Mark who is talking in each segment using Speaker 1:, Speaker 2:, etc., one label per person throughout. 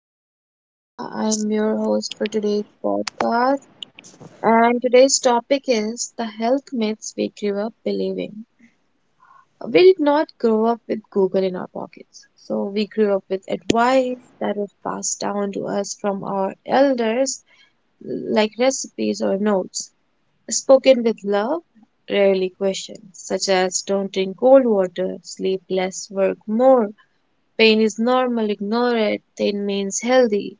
Speaker 1: name is Shifa. I'm your host for today's podcast. And today's topic is the health myths we grew up believing. We did not grow up with Google in our pockets. So we grew up with advice that was passed down to us from our elders, like recipes or notes, spoken with love, rarely questioned, such as don't drink cold water, sleep less, work more. Pain is normal, ignore it, thin means healthy.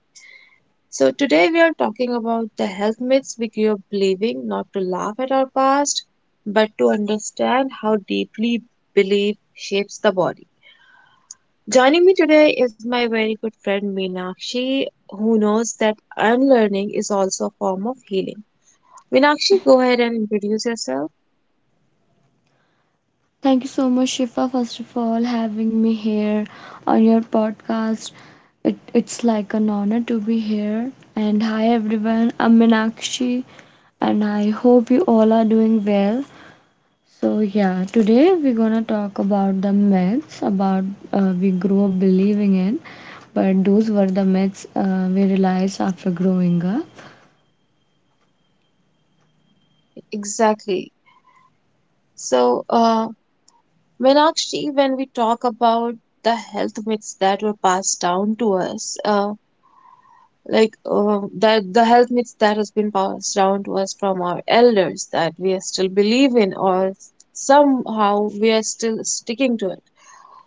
Speaker 1: So, today we are talking about the health myths we grew up believing, not to laugh at our past, but to understand how deeply belief shapes the body. Joining me today is my very good friend Meenakshi, who knows that unlearning is also a form of healing. Meenakshi, go ahead and introduce yourself.
Speaker 2: Thank you so much, Shifa, first of all, having me here on your podcast. It's like an honor to be here. And hi, everyone. I'm Minakshi, and I hope you all are doing well. So, yeah, today we're gonna talk about the myths about we grew up believing in, but those were the myths we realized after growing up.
Speaker 1: Exactly. So, Meenakshi, when we talk about the health myths that were passed down to us, like that the health myths that has been passed down to us from our elders that we still believe in, or somehow we are still sticking to it,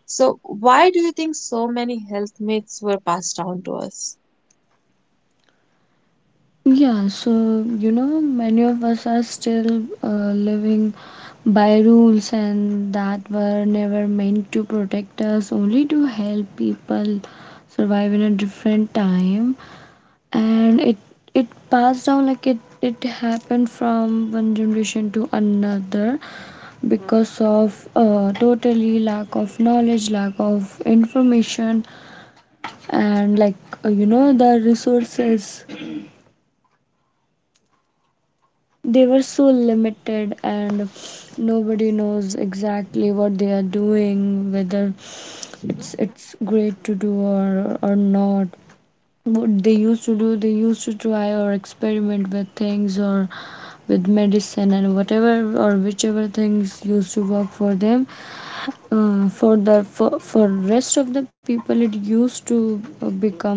Speaker 1: so why do you think so many health myths were passed down to us?
Speaker 2: Yeah, so you know, many of us are still living by rules and that were never meant to protect us, only to help people survive in a different time. And it passed down like it happened from one generation to another because of totally lack of knowledge, lack of information, and like you know the resources they were so limited and nobody knows exactly what they are doing whether it's great to do or not. What they used to do, they used to try or experiment with things or with medicine and whatever, or whichever things used to work for them. Uh, for the for rest of the people it used to become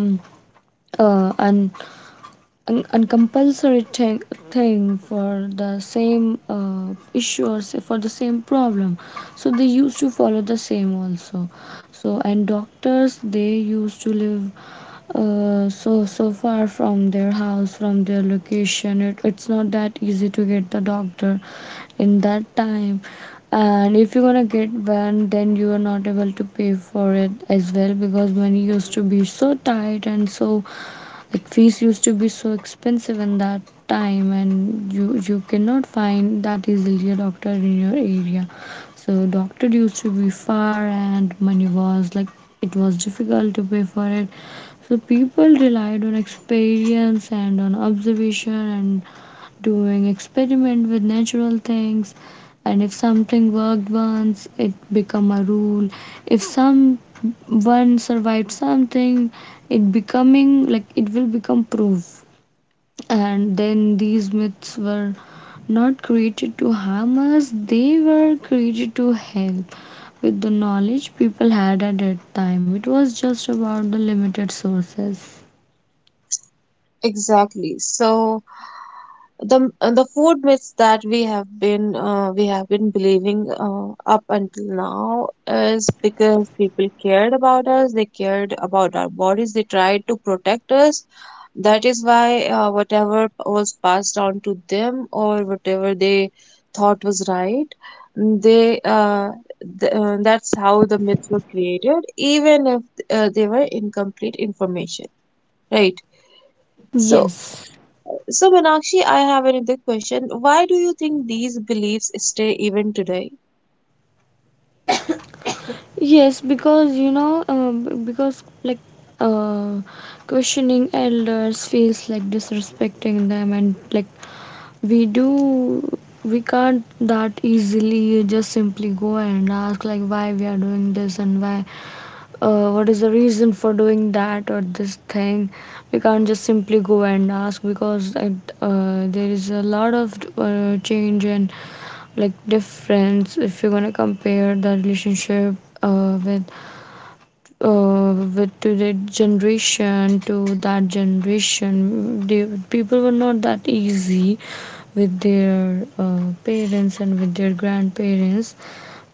Speaker 2: an uncompulsory thing for the same issue, or say for the same problem, so they used to follow the same also. So and doctors, they used to live so far from their house, from their location. It's not that easy to get the doctor in that time, and if you're gonna get one, then you are not able to pay for it as well, because money used to be so tight, and so like fees used to be so expensive in that time, and you cannot find that easily a doctor in your area. So doctor used to be far, and money was like it was difficult to pay for it. So people relied on experience and on observation and doing experiment with natural things, and if something worked once, it become a rule. If someone survived something, it becoming like it will become proof. And then these myths were not created to harm us, they were created to help with the knowledge people had at that time. It was just about the limited sources.
Speaker 1: Exactly. So the food myths that we have been believing up until now is because people cared about us, they cared about our bodies, they tried to protect us. That is why whatever was passed on to them or whatever they thought was right, they uh, that's how the myths were created, even if they were incomplete information, right? So,
Speaker 2: Yes.
Speaker 1: so Meenakshi, I have another question. Why do you think these beliefs stay even today?
Speaker 2: Yes, because you know, because like uh, questioning elders feels like disrespecting them, and like we do, we can't that easily just simply go and ask like why we are doing this and why, what is the reason for doing that or this thing. We can't just simply go and ask because there is a lot of change and like difference if you're gonna compare the relationship uh, with with to the generation to that generation, they, people were not that easy with their parents and with their grandparents,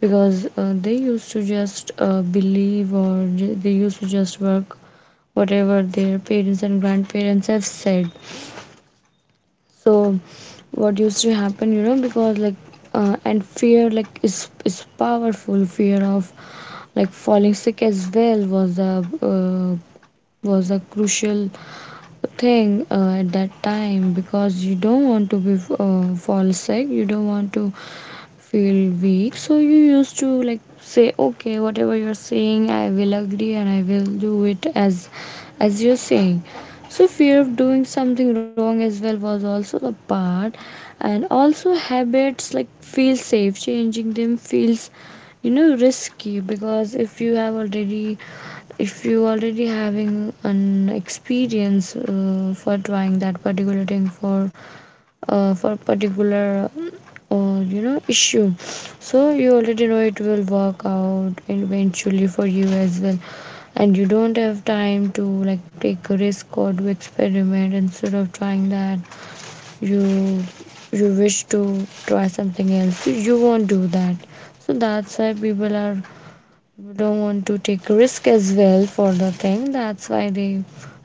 Speaker 2: because they used to just believe or they used to just work whatever their parents and grandparents have said. So what used to happen, you know, because like and fear like is powerful. Fear of like falling sick as well was a crucial thing at that time, because you don't want to be fall sick. You don't want to feel weak. So you used to like say, okay, whatever you're saying, I will agree and I will do it as you're saying. So fear of doing something wrong as well was also the part. And also habits like feel safe. Changing them feels you know risky, because if you have already, if you already having an experience for trying that particular thing for a particular you know issue, so you already know it will work out eventually for you as well, and you don't have time to like take a risk or do experiment. Instead of trying that, you you wish to try something else, you won't do that. So that's why people are don't want to take risk as well for the thing, that's why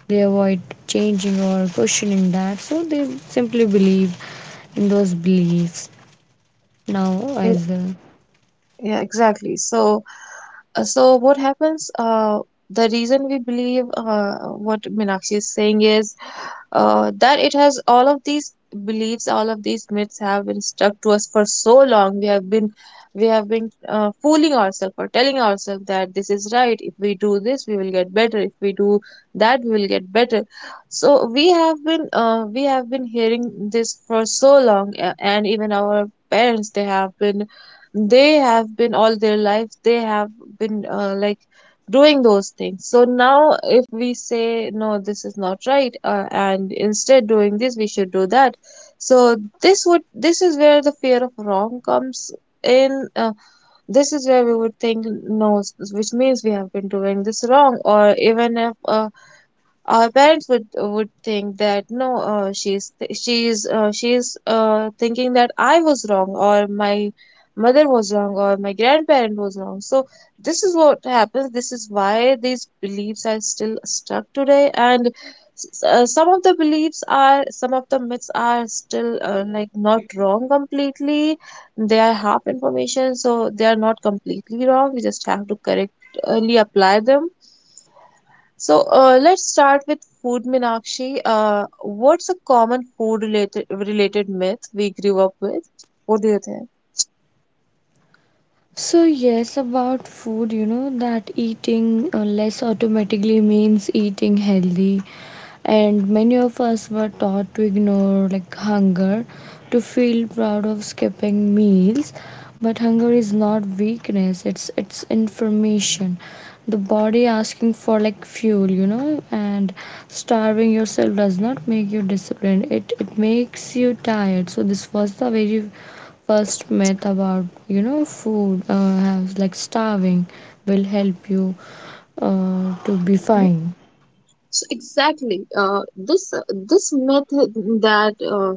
Speaker 2: they avoid changing or questioning that, so they simply believe in those beliefs now as well.
Speaker 1: Yeah, exactly. So what happens? The reason we believe what Meenakshi is saying is that it has... all of these beliefs, all of these myths have been stuck to us for so long. We have been fooling ourselves, or telling ourselves that this is right. If we do this, we will get better. If we do that, we will get better. So we have been hearing this for so long, and even our parents, they have been all their life, they have been like doing those things. So now if we say no, this is not right, and instead doing this we should do that, so this is where the fear of wrong comes in. This is where we would think, no, which means we have been doing this wrong. Or even if our parents would think that, no, she's th- she's thinking that I was wrong, or my mother was wrong, or my grandparent was wrong. So this is what happens, this is why these beliefs are still stuck today. And some of the beliefs are, some of the myths are still like not wrong completely, they are half information, so they are not completely wrong, we just have to correctly apply them. So, let's start with food, Meenakshi. What's a common food related myth we grew up with? What do you think?
Speaker 2: So, yes, about food, you know, that eating less automatically means eating healthy. And many of us were taught to ignore like hunger, to feel proud of skipping meals, but hunger is not weakness, it's information. The body asking for like fuel, you know, and starving yourself does not make you disciplined, it makes you tired. So this was the very first myth about you know food, has like starving will help you to be fine,
Speaker 1: So exactly, this myth that,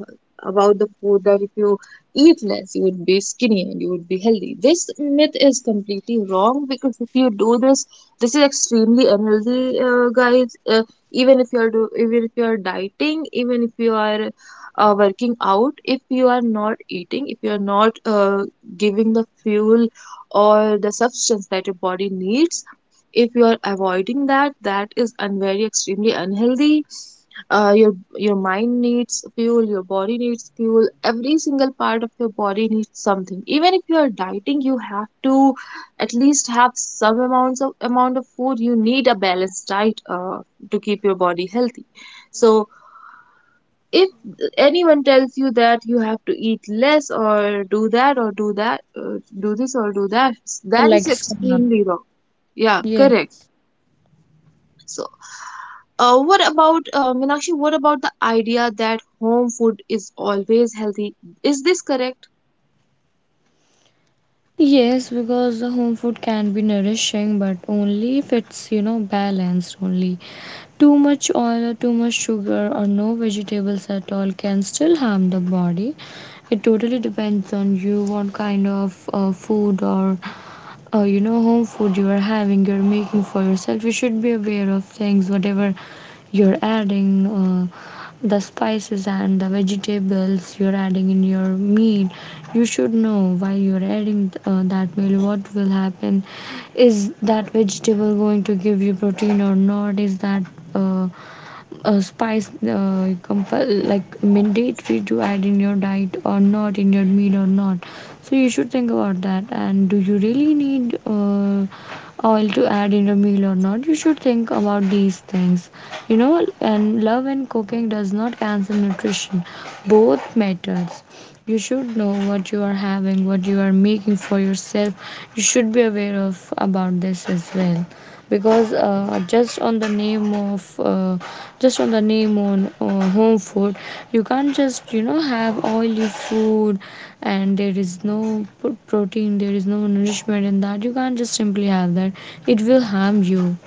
Speaker 1: about the food, that if you eat less you would be skinny and you would be healthy. This myth is completely wrong, because if you do this, this is extremely unhealthy, guys. Even if you are dieting, even if you are working out, if you are not eating, if you are not giving the fuel or the substance that your body needs, if you are avoiding that, that is very extremely unhealthy. Your mind needs fuel, your body needs fuel, every single part of your body needs something. Even if you are dieting, you have to at least have some amount of food. You need a balanced diet to keep your body healthy. So if anyone tells you that you have to eat less, or do that, or do this or do that, that is
Speaker 2: like starve.
Speaker 1: extremely wrong. Yeah, correct.
Speaker 2: Yes.
Speaker 1: So, what about, Meenakshi, what about the idea that home food is always healthy? Is this correct?
Speaker 2: Yes, because the home food can be nourishing, but only if it's, you know, balanced only. Too much oil or too much sugar or no vegetables at all can still harm the body. It totally depends on you what kind of food or you know home food you are having, you're making for yourself. You should be aware of things whatever you're adding, the spices and the vegetables you're adding in your meal. You should know while you're adding that meal what will happen. Is that vegetable going to give you protein or not? Is that uh, spice like mandatory to add in your diet or not, in your meal or not? So you should think about that. And do you really need oil to add in your meal or not? You should think about these things, you know. And love and cooking does not cancel nutrition. Both matters. You should know what you are having, what you are making for yourself. You should be aware of about this as well, because just on the name of just on the name on home food, you can't just you know have oily food and there is no protein, there is no nourishment in that. You can't just simply have that, it will harm you.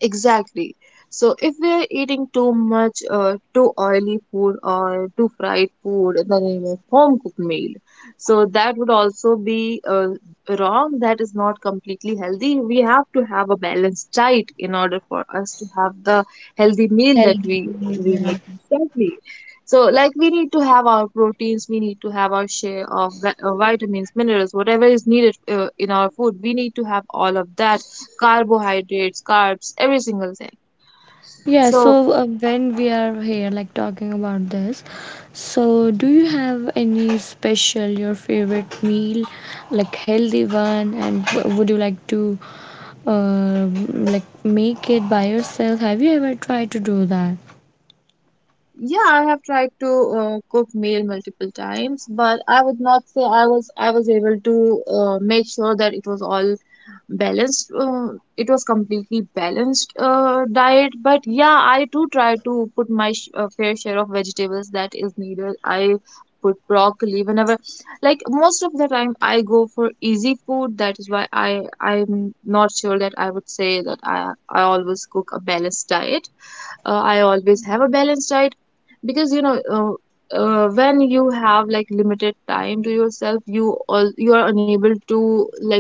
Speaker 1: Exactly. So if we are eating too much, too oily food or too fried food in the name of home cooked meal, so that would also be wrong. That is not completely healthy. We have to have a balanced diet in order for us to have the healthy meal that we
Speaker 2: Health,
Speaker 1: we
Speaker 2: yeah.
Speaker 1: need constantly. So, like, we need to have our proteins, we need to have our share of vitamins, minerals, whatever is needed in our food. We need to have all of that: carbohydrates, carbs, every single thing.
Speaker 2: Yeah,
Speaker 1: So,
Speaker 2: so when we are here, like talking about this, so do you have any special, your favorite meal, like healthy one, and would you like to uh, like make it by yourself? Have you ever tried to do that?
Speaker 1: yeah, I have tried to cook meal multiple times, but I would not say I was, I was able to make sure that it was all balanced, it was completely balanced diet. But yeah, I do try to put my fair share of vegetables that is needed. I put broccoli whenever, like, most of the time I go for easy food, that is why I'm not sure that I would say that I always cook a balanced diet, I always have a balanced diet. Because, when you have, like, limited time to yourself, you, all, you are unable to, like,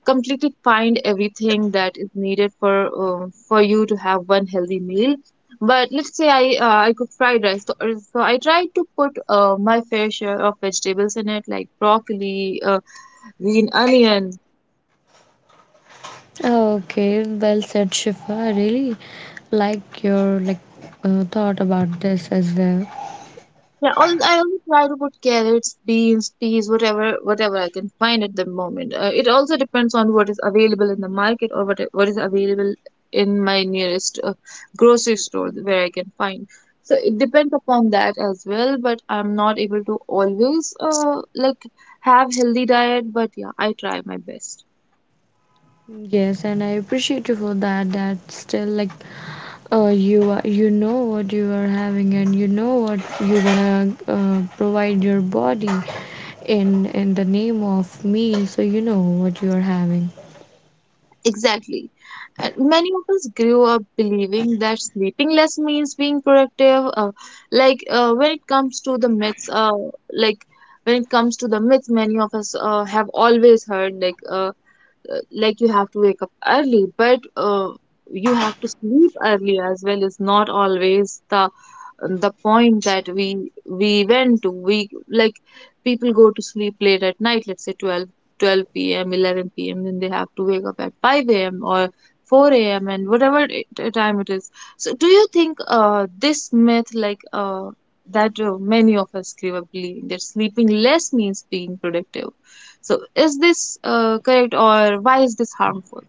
Speaker 1: completely find everything that is needed, for you to have one healthy meal. But let's say I cook fried rice. So, so I try to put, my fair share of vegetables in it, like broccoli, green onion.
Speaker 2: Okay, well said, Shifa. I really like your like thought about this as well.
Speaker 1: Yeah, I always try to put carrots, beans, peas, whatever, whatever I can find at the moment. It also depends on what is available in the market, or what is available in my nearest grocery store, where I can find. So it depends upon that as well. But I'm not able to always like have healthy diet. But yeah, I try my best.
Speaker 2: Yes, and I appreciate you for that. That still like you are, you know what you are having and you know what you gonna provide your body in the name of meal. So you know what you are having.
Speaker 1: Exactly. And many of us grew up believing that sleeping less means being productive. Like, when it comes to the myths, like when it comes to the myth, many of us have always heard, like, like, you have to wake up early, but you have to sleep early as well, is not always the point. That we went to, we, like, people go to sleep late at night, let's say twelve p.m., 11 p.m., then they have to wake up at 5 a.m. or 4 a.m., and whatever time it is. So do you think this myth, like, that many of us grew up believing that sleeping less means being productive, so is this correct, or why is this harmful?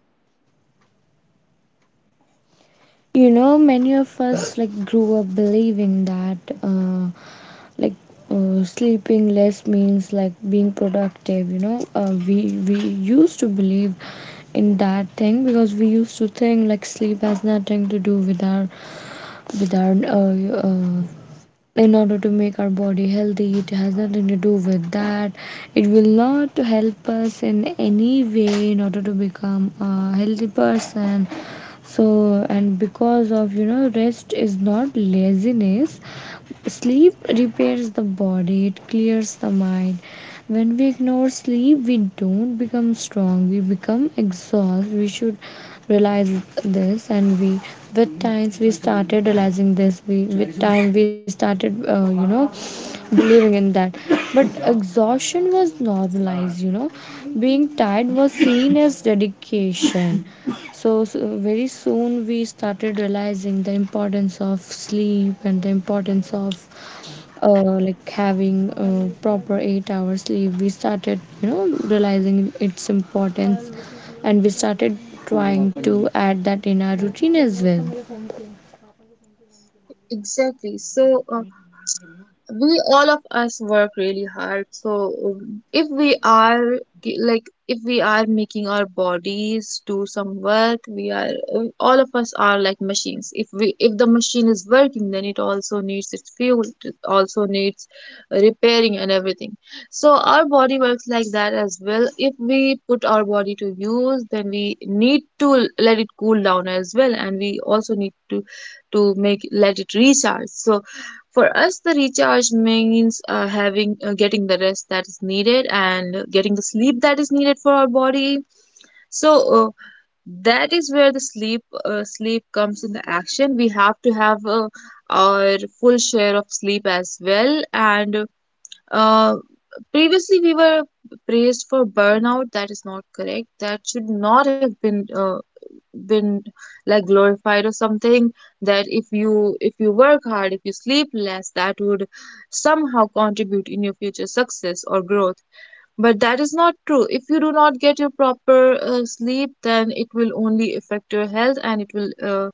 Speaker 2: You know, many of us like grew up believing that like sleeping less means like being productive. You know, we used to believe in that thing, because we used to think like sleep has nothing to do with our in order to make our body healthy. It has nothing to do with that. It will not help us in any way in order to become a healthy person. So, and because of you know, rest is not laziness. Sleep repairs the body, it clears the mind. When we ignore sleep, we don't become strong, we become exhausted. We should realize this, and we, with times, we started realizing this. We, with time, we started, you know, believing in that. But exhaustion was normalized, you know, being tired was seen as dedication. So, so very soon we started realizing the importance of sleep and the importance of uh, like having proper 8 hours sleep. We started, you know, realizing its importance, and we started trying to add that in our routine as well.
Speaker 1: Exactly. So, we all of us work really hard. So, if we are, like, if we are making our bodies do some work, we are all of us are like machines. If we, if the machine is working, then it also needs its fuel, it also needs repairing and everything. So our body works like that as well. If we put our body to use then we need to let it cool down as well, and we also need to make, let it recharge. So for us, the recharge means, having, getting the rest that is needed and getting the sleep that is needed for our body. So, that is where the sleep, sleep comes in the action. We have to have, our full share of sleep as well. And uh, previously we were praised for burnout. That is not correct. That should not have been, been like, glorified or something, that if you, if you work hard, if you sleep less, that would somehow contribute in your future success or growth. But that is not true. If you do not get your proper sleep, then it will only affect your health, and it will uh,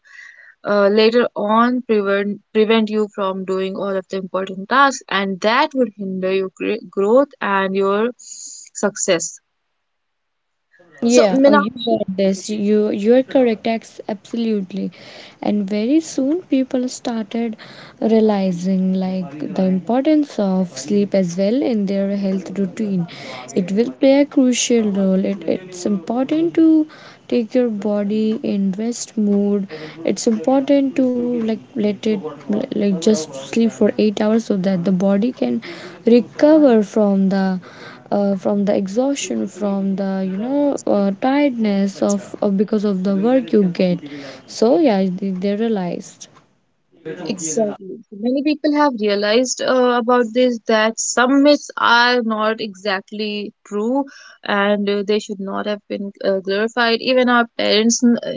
Speaker 1: uh, later on prevent you from doing all of the important tasks, and that would hinder your growth and your success. So,
Speaker 2: Yeah, oh, you
Speaker 1: Meenakshi,
Speaker 2: got this. You are correct, absolutely. And very soon people started realizing like the importance of sleep as well in their health routine. It will play a crucial role. It's important to take your body in rest mood. It's important to, like, let it, like, just sleep for 8 hours so that the body can recover from the exhaustion, from the tiredness of, because of the work you get. So yeah, they realized.
Speaker 1: exactly. Many people have realized about this, that some myths are not exactly true, and they should not have been glorified. Even our parents,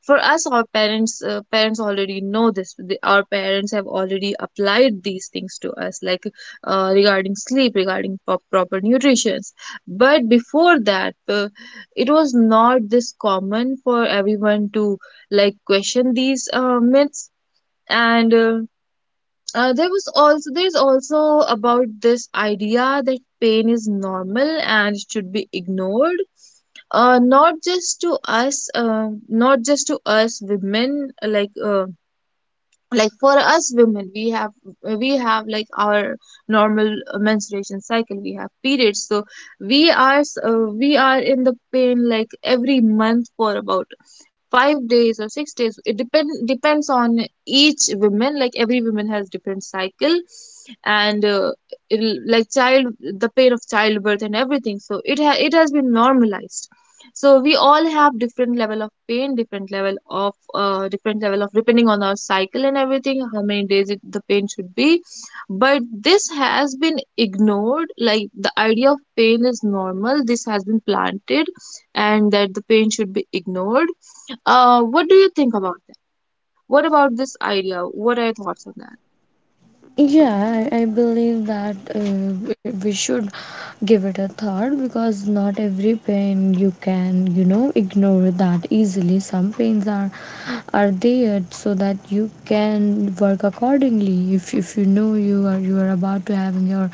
Speaker 1: for us, our parents, parents already know this. Our parents have already applied these things to us, like, regarding sleep, regarding proper nutrition. But before that, it was not this common for everyone to, like, question these myths and. There was also there's also about this idea that pain is normal and should be ignored. Not just to us, not just to us women. Like for us women, we have like our normal menstruation cycle. We have periods, so we are in the pain like every month for about 5 days or 6 days. It depends on each woman. Like every woman has different cycle, and it'll, like child the pain of childbirth and everything, so it has been normalized. So we all have different level of pain, different level of depending on our cycle and everything, how many days the pain should be. But this has been ignored. Like the idea of pain is normal, this has been planted, and that the pain should be ignored. What do you think about that? What about this idea? What are your thoughts on that?
Speaker 2: Yeah, I believe that we should give it a thought, because not every pain you can, ignore that easily. Some pains are there so that you can work accordingly. If you know you are about to having your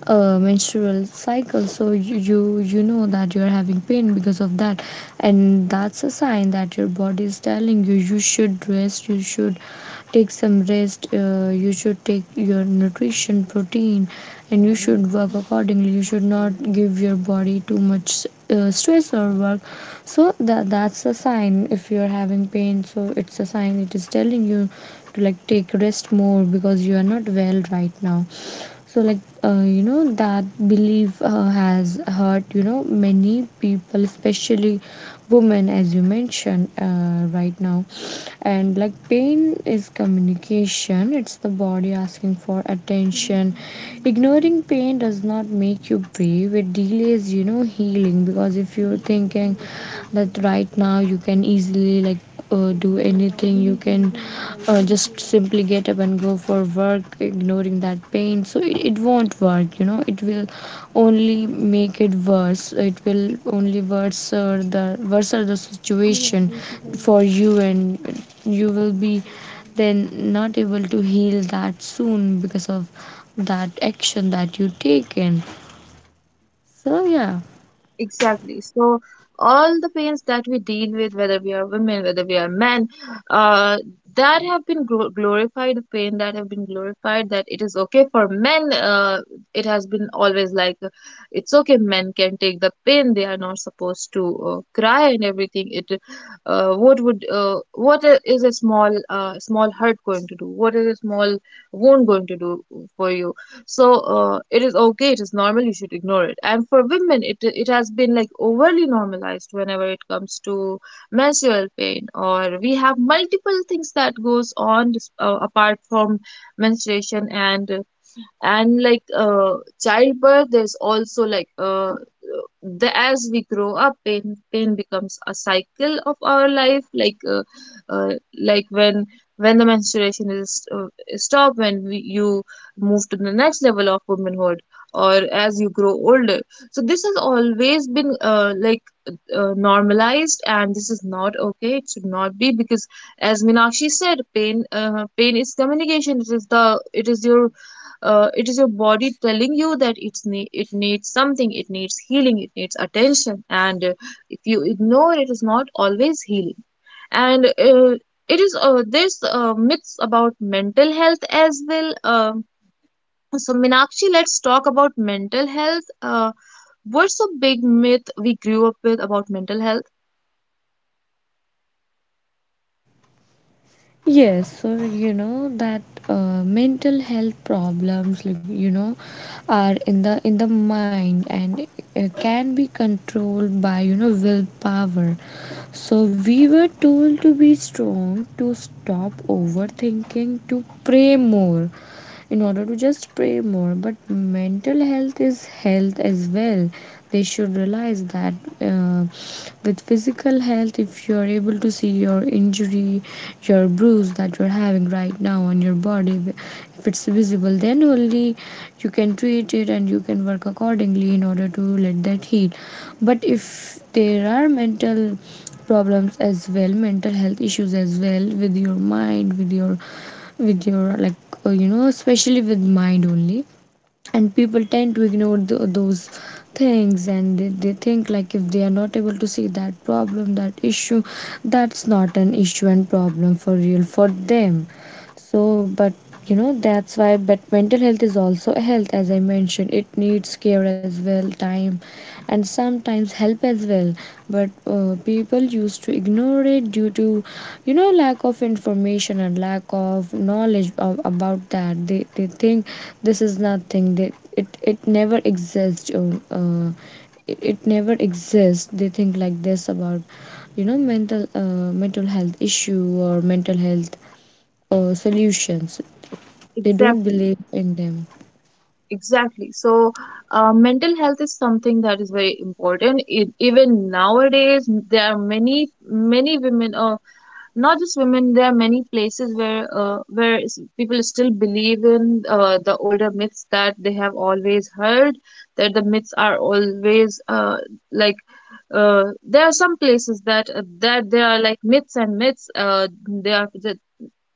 Speaker 2: menstrual cycle, so you know that you're having pain because of that. And that's a sign that your body is telling you. You should rest, you should take some rest. You should take your nutrition, protein, and you should work accordingly. You should not give your body too much stress or work. So that's a sign. If you're having pain, so it's a sign, it is telling you to, like, take rest more because you are not well right now. So, like, that belief has hurt, many people, especially women, as you mentioned right now. And, like, pain is communication, it's the body asking for attention. Ignoring pain does not make you brave, it delays, healing. Because if you're thinking that right now you can easily, like, do anything, you can just simply get up and go for work ignoring that pain. So it won't work, it will only make it worse. It will only worse the situation for you, and you will be then not able to heal that soon because of that action that you taken. So yeah.
Speaker 1: Exactly. So, all the pains that we deal with, whether we are women, whether we are men, uh, that have been glorified, the pain that have been glorified, that it is okay for men. It has been always like it's okay, men can take the pain. They are not supposed to cry and everything. What would, what is a small, small hurt going to do? What is a small wound going to do for you? So it is okay, it is normal, you should ignore it. And for women, it has been like overly normalized whenever it comes to menstrual pain. Or we have multiple things that goes on apart from menstruation, and childbirth. There's also the, as we grow up, pain becomes a cycle of our life. Uh, when the menstruation is stopped, when you move to the next level of womanhood, or as you grow older. So this has always been normalized, and this is not okay. It should not be, because as Minakshi said, pain is communication. It is the it is your body telling you that it needs something. It needs healing, it needs attention. And if you ignore, it is not always healing. And it is there's myths about mental health as well. Um, so Minakshi, let's talk about mental health. What's a big myth we grew up with about mental health?
Speaker 2: Yes, so you know that mental health problems, like, are in the mind, and can be controlled by willpower. So we were told to be strong, to stop overthinking, to pray more, in order to just pray more. But mental health is health as well. They should realize that. Uh, with physical health, if you're able to see your injury, your bruise that you're having right now on your body, if it's visible, then only you can treat it and you can work accordingly in order to let that heal. But if there are mental problems as well, mental health issues as well, with your mind, with your like, especially with mind only. And people tend to ignore th those things, and they think, like, if they are not able to see that problem, that issue, that's not an issue and problem for real for them. So, but, that's why, but mental health is also a health, as I mentioned. It needs care as well, time, and sometimes help as well. But people used to ignore it due to lack of information and lack of knowledge about that. They think this is nothing. It never exists, it never exists. They think like this about mental mental health issue or mental health solutions. They don't
Speaker 1: Exactly.
Speaker 2: believe in them.
Speaker 1: Exactly. So, mental health is something that is very important. It, even nowadays, there are many, many women. Not just women, there are many places where people still believe in the older myths that they have always heard, that the myths are always like there are some places that that there are like myths and myths. They are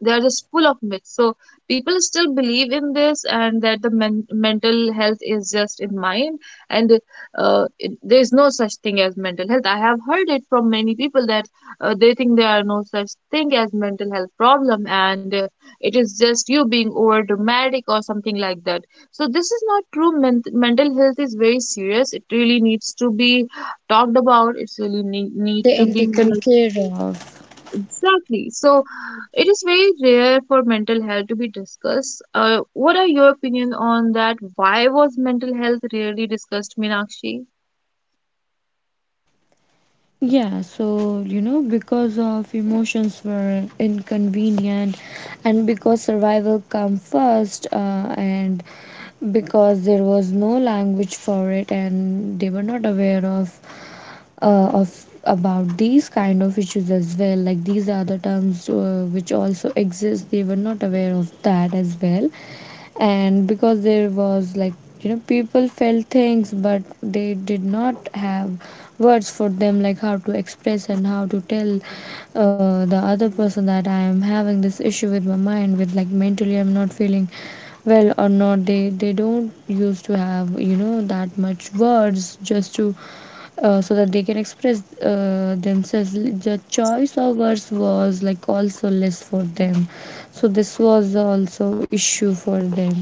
Speaker 1: they are just full of myths. So people still believe in this, and that the mental health is just in mind. And there is no such thing as mental health. I have heard it from many people that they think there are no such thing as mental health problem. And it is just you being over dramatic or something like that. So this is not true. Mental health is very serious. It really needs to be talked about. It's really need
Speaker 2: They
Speaker 1: to
Speaker 2: are
Speaker 1: be
Speaker 2: taken
Speaker 1: like
Speaker 2: care of.
Speaker 1: exactly so. It is very rare for mental health to be discussed. What are your opinion on that? Why was mental health rarely discussed, Meenakshi?
Speaker 2: Yeah, so, because of emotions were inconvenient, and because survival come first, and because there was no language for it, and they were not aware uh, of about these kind of issues as well. Like, these are the terms which also exist. They were not aware of that as well. And because there was, like, people felt things, but they did not have words for them, like how to express and how to tell the other person that I am having this issue with my mind, with, like, mentally I'm not feeling well or not. They don't used to have, that much words just to so that they can express themselves. The choice of words was, like, also less for them, so this was also issue for them.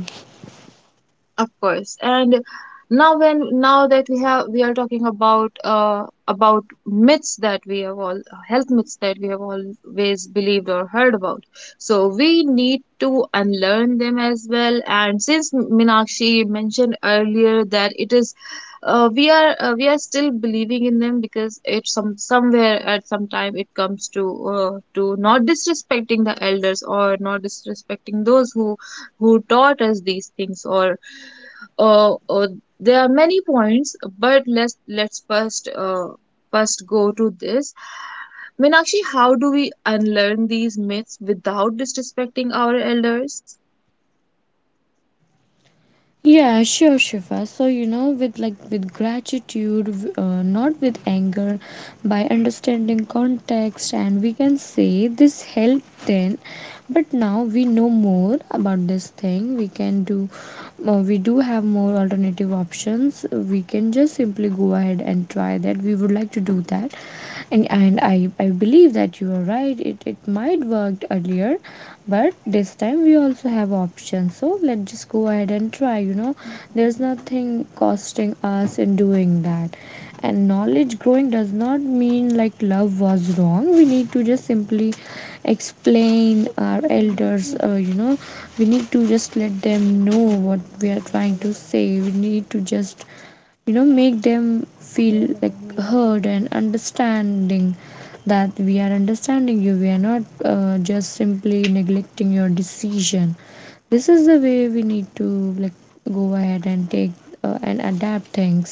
Speaker 1: Of course. And now, when now that we have we are talking about myths that we have all, health myths that we have always believed or heard about. So we need to unlearn them as well. And since Minakshi mentioned earlier that it is, we are still believing in them, because it some somewhere at some time it comes to not disrespecting the elders, or not disrespecting those who taught us these things, or uh, uh, there are many points. But let's first go to this. Meenakshi, how do we unlearn these myths without disrespecting our elders?
Speaker 2: Yeah, sure, Shifa. So, with like with gratitude, not with anger, by understanding context, and we can say this helped then, but now we know more about this thing. We do have more alternative options. We can just simply go ahead and try that. We would like to do that, and I believe that you are right. It might worked earlier, but this time we also have options, so let's just go ahead and try. There's nothing costing us in doing that. And knowledge growing does not mean, like, love was wrong. We need to just simply explain our elders, we need to just let them know what we are trying to say. We need to just make them feel, like, heard and understanding, that we are understanding you. We are not just simply neglecting your decision. This is the way we need to, like, go ahead and take and adapt things.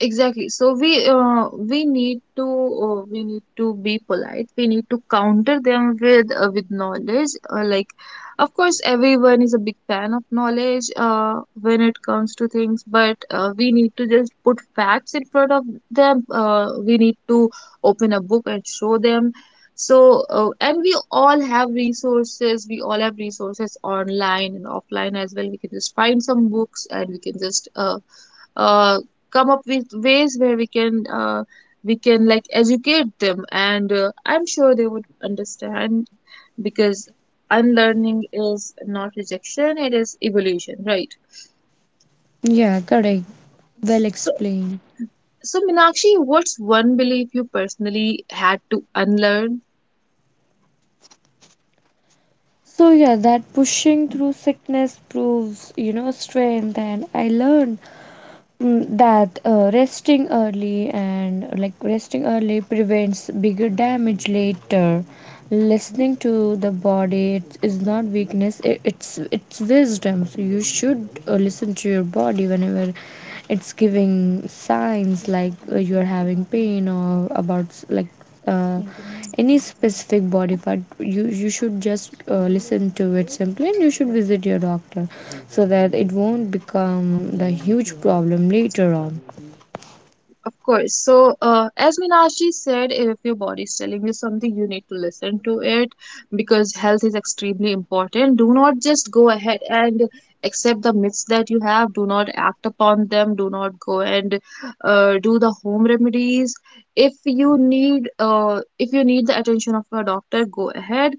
Speaker 1: Exactly. So we need to be polite. We need to counter them with knowledge. Like, of course, everyone is a big fan of knowledge when it comes to things, but we need to just put facts in front of them. We need to open a book and show them. So and we all have resources. We all have resources online and offline as well. We can just find some books, and we can just uh, come up with ways where we can like educate them. And I'm sure they would understand, because unlearning is not rejection, it is evolution, right?
Speaker 2: Yeah, correct, well
Speaker 1: So
Speaker 2: explained.
Speaker 1: so Meenakshi, what's one belief you personally had to unlearn?
Speaker 2: So yeah, that pushing through sickness proves, strength. And I learned. Mm, that resting early and like resting early prevents bigger damage later. Listening to the body, it is not weakness, it's wisdom. So you should listen to your body whenever it's giving signs, like, you're having pain or about uh, any specific body part. You should just listen to it simply, and you should visit your doctor so that it won't become the huge problem later on.
Speaker 1: Of course. So, as Meenakshi said, if your body is telling you something, you need to listen to it, because health is extremely important. Do not just go ahead and accept the myths that you have. Do not act upon them. Do not go and do the home remedies. If you need the attention of a doctor, go ahead.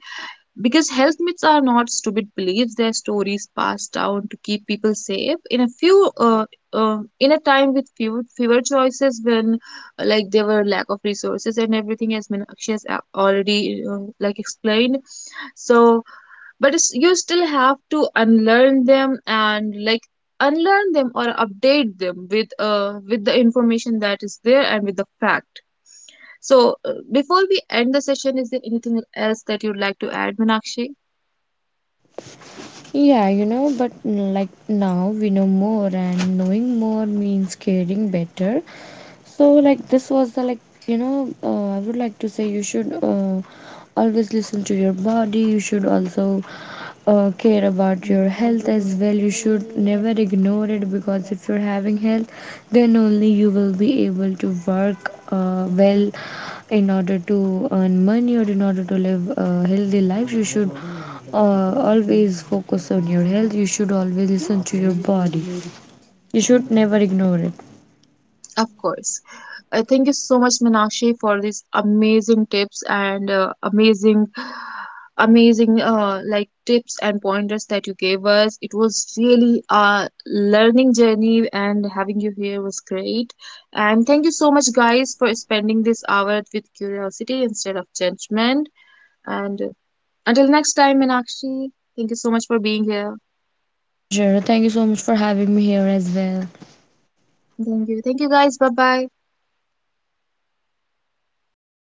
Speaker 1: Because health myths are not stupid beliefs; they're stories passed down to keep people safe. In a few, in a time with fewer choices, when like there were lack of resources and everything, as Meenakshi has already like explained. So, but it's, you still have to unlearn them and like unlearn them, or update them with the information that is there and with the fact. So, before we end the session, is there anything else that you'd like to add, Meenakshi?
Speaker 2: Yeah, but, like, now we know more, and knowing more means caring better. So, like, this was the like, you know, I would like to say you should always listen to your body, you should also care about your health as well. You should never ignore it, because if you're having health, then only you will be able to work well, in order to earn money or in order to live a healthy life. You should always focus on your health. You should always listen to your body. You should never ignore it.
Speaker 1: Of course. Thank you so much, Minakshi, for these amazing tips and amazing like tips and pointers that you gave us. It was really a learning journey, and having you here was great. And thank you so much, guys, for spending this hour with curiosity instead of judgment. And until next time, Minakshi, thank you so much for being here.
Speaker 2: Pleasure, thank you so much for having me here as well.
Speaker 1: Thank you. Thank you, guys. Bye bye.